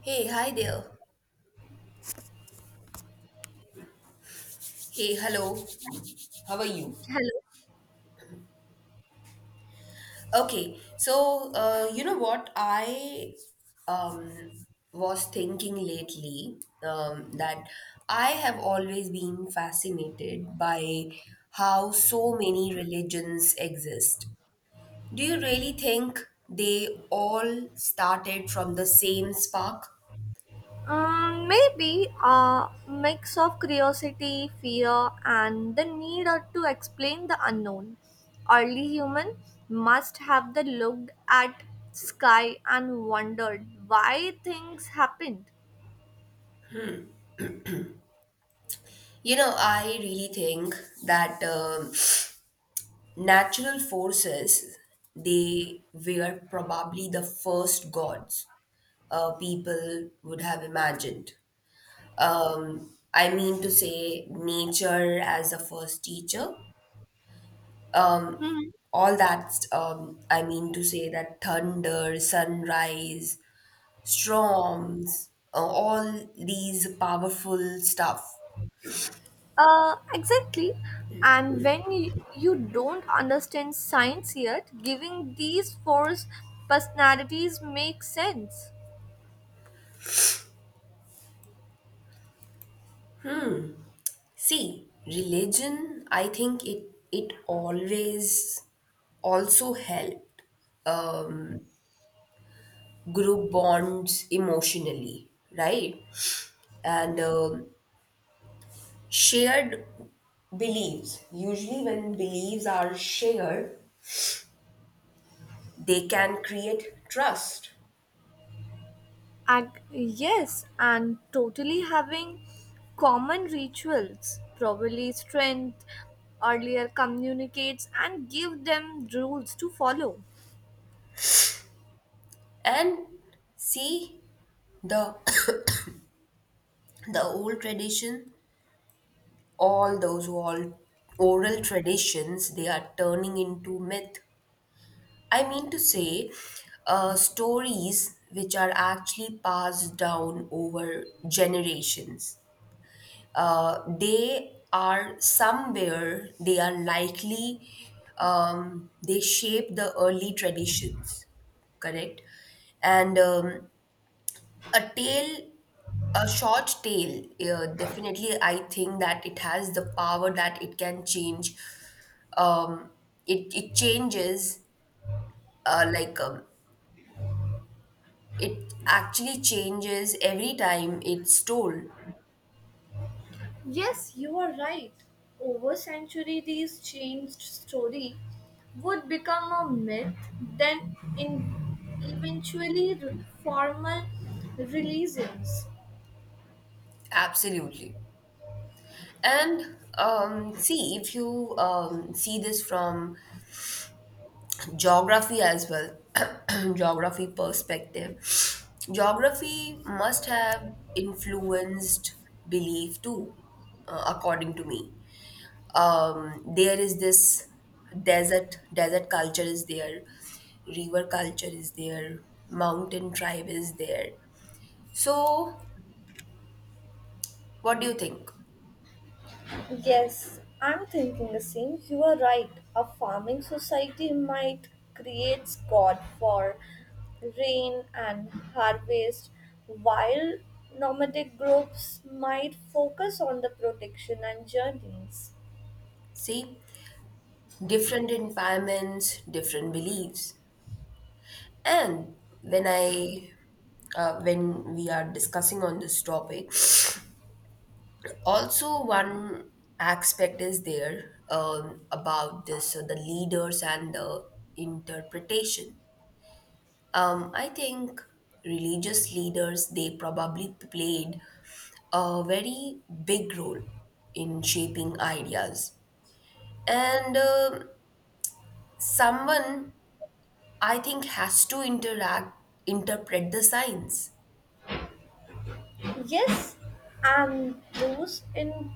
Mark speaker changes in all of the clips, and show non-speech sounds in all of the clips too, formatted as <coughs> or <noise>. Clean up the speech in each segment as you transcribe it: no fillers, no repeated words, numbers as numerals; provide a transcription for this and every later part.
Speaker 1: Hey, hi there. Hey, hello. How are you?
Speaker 2: Hello.
Speaker 1: Okay, so you know what? I um, was thinking lately that I have always been fascinated by how so many religions exist. Do you really think they all started from the same spark?
Speaker 2: Maybe a mix of curiosity, fear, and the need or to explain the unknown. Early human must have the looked at sky and wondered why things happened.
Speaker 1: You know, I really think that natural forces, they were probably the first gods people would have imagined. I mean to say, nature as the first teacher. Um,
Speaker 2: Hmm.
Speaker 1: I mean to say that thunder, sunrise, storms, all these powerful stuff.
Speaker 2: Exactly. And when you don't understand science yet, giving these four personalities makes sense.
Speaker 1: See, religion, I think it always also helped Um, group bonds emotionally, right? And shared beliefs. Usually, when beliefs are shared, they can create trust.
Speaker 2: Yes, and totally having common rituals, probably strength, earlier communicates, and give them rules to follow.
Speaker 1: And see the <coughs> the old tradition, all those old oral traditions, they are turning into myth. I mean to say, stories which are actually passed down over generations, they are somewhere they are likely, they shape the early traditions, correct. And um, a tale a short tale, definitely I think that it has the power that it can change um, it, it changes, uh, like um, it actually changes every time it's told.
Speaker 2: Yes, you are right. Over century, these changed story would become a myth, then in formal religions.
Speaker 1: Absolutely. And see, if you see this from geography as well, <clears throat> geography perspective, geography must have influenced belief too, according to me. There is this desert culture is there, river culture is there, mountain tribe is there. So, what do you think?
Speaker 2: Yes, I'm thinking the same. You are right. A farming society might create God for rain and harvest, while nomadic groups might focus on the protection and journeys.
Speaker 1: See, different environments, different beliefs. And when I, when we are discussing on this topic, also one aspect is there, about this, the leaders and the interpretation. I think religious leaders they probably played a very big role in shaping ideas, and someone I think has to interact interpret the signs.
Speaker 2: Yes, and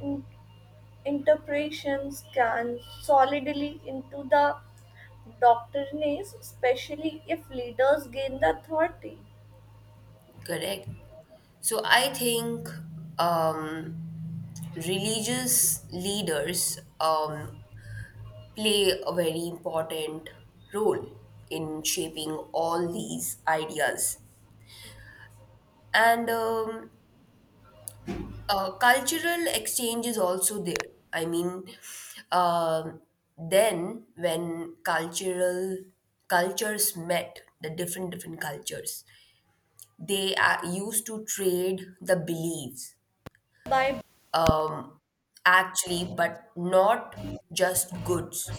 Speaker 2: in- interpretations can solidly into the doctrines, especially if leaders gain the authority.
Speaker 1: Correct. So I think, um, religious leaders, play a very important role in shaping all these ideas. And cultural exchange is also there. I mean, um then when cultural cultures met, the different cultures, they used to trade the beliefs,
Speaker 2: By
Speaker 1: um, actually, but not just goods,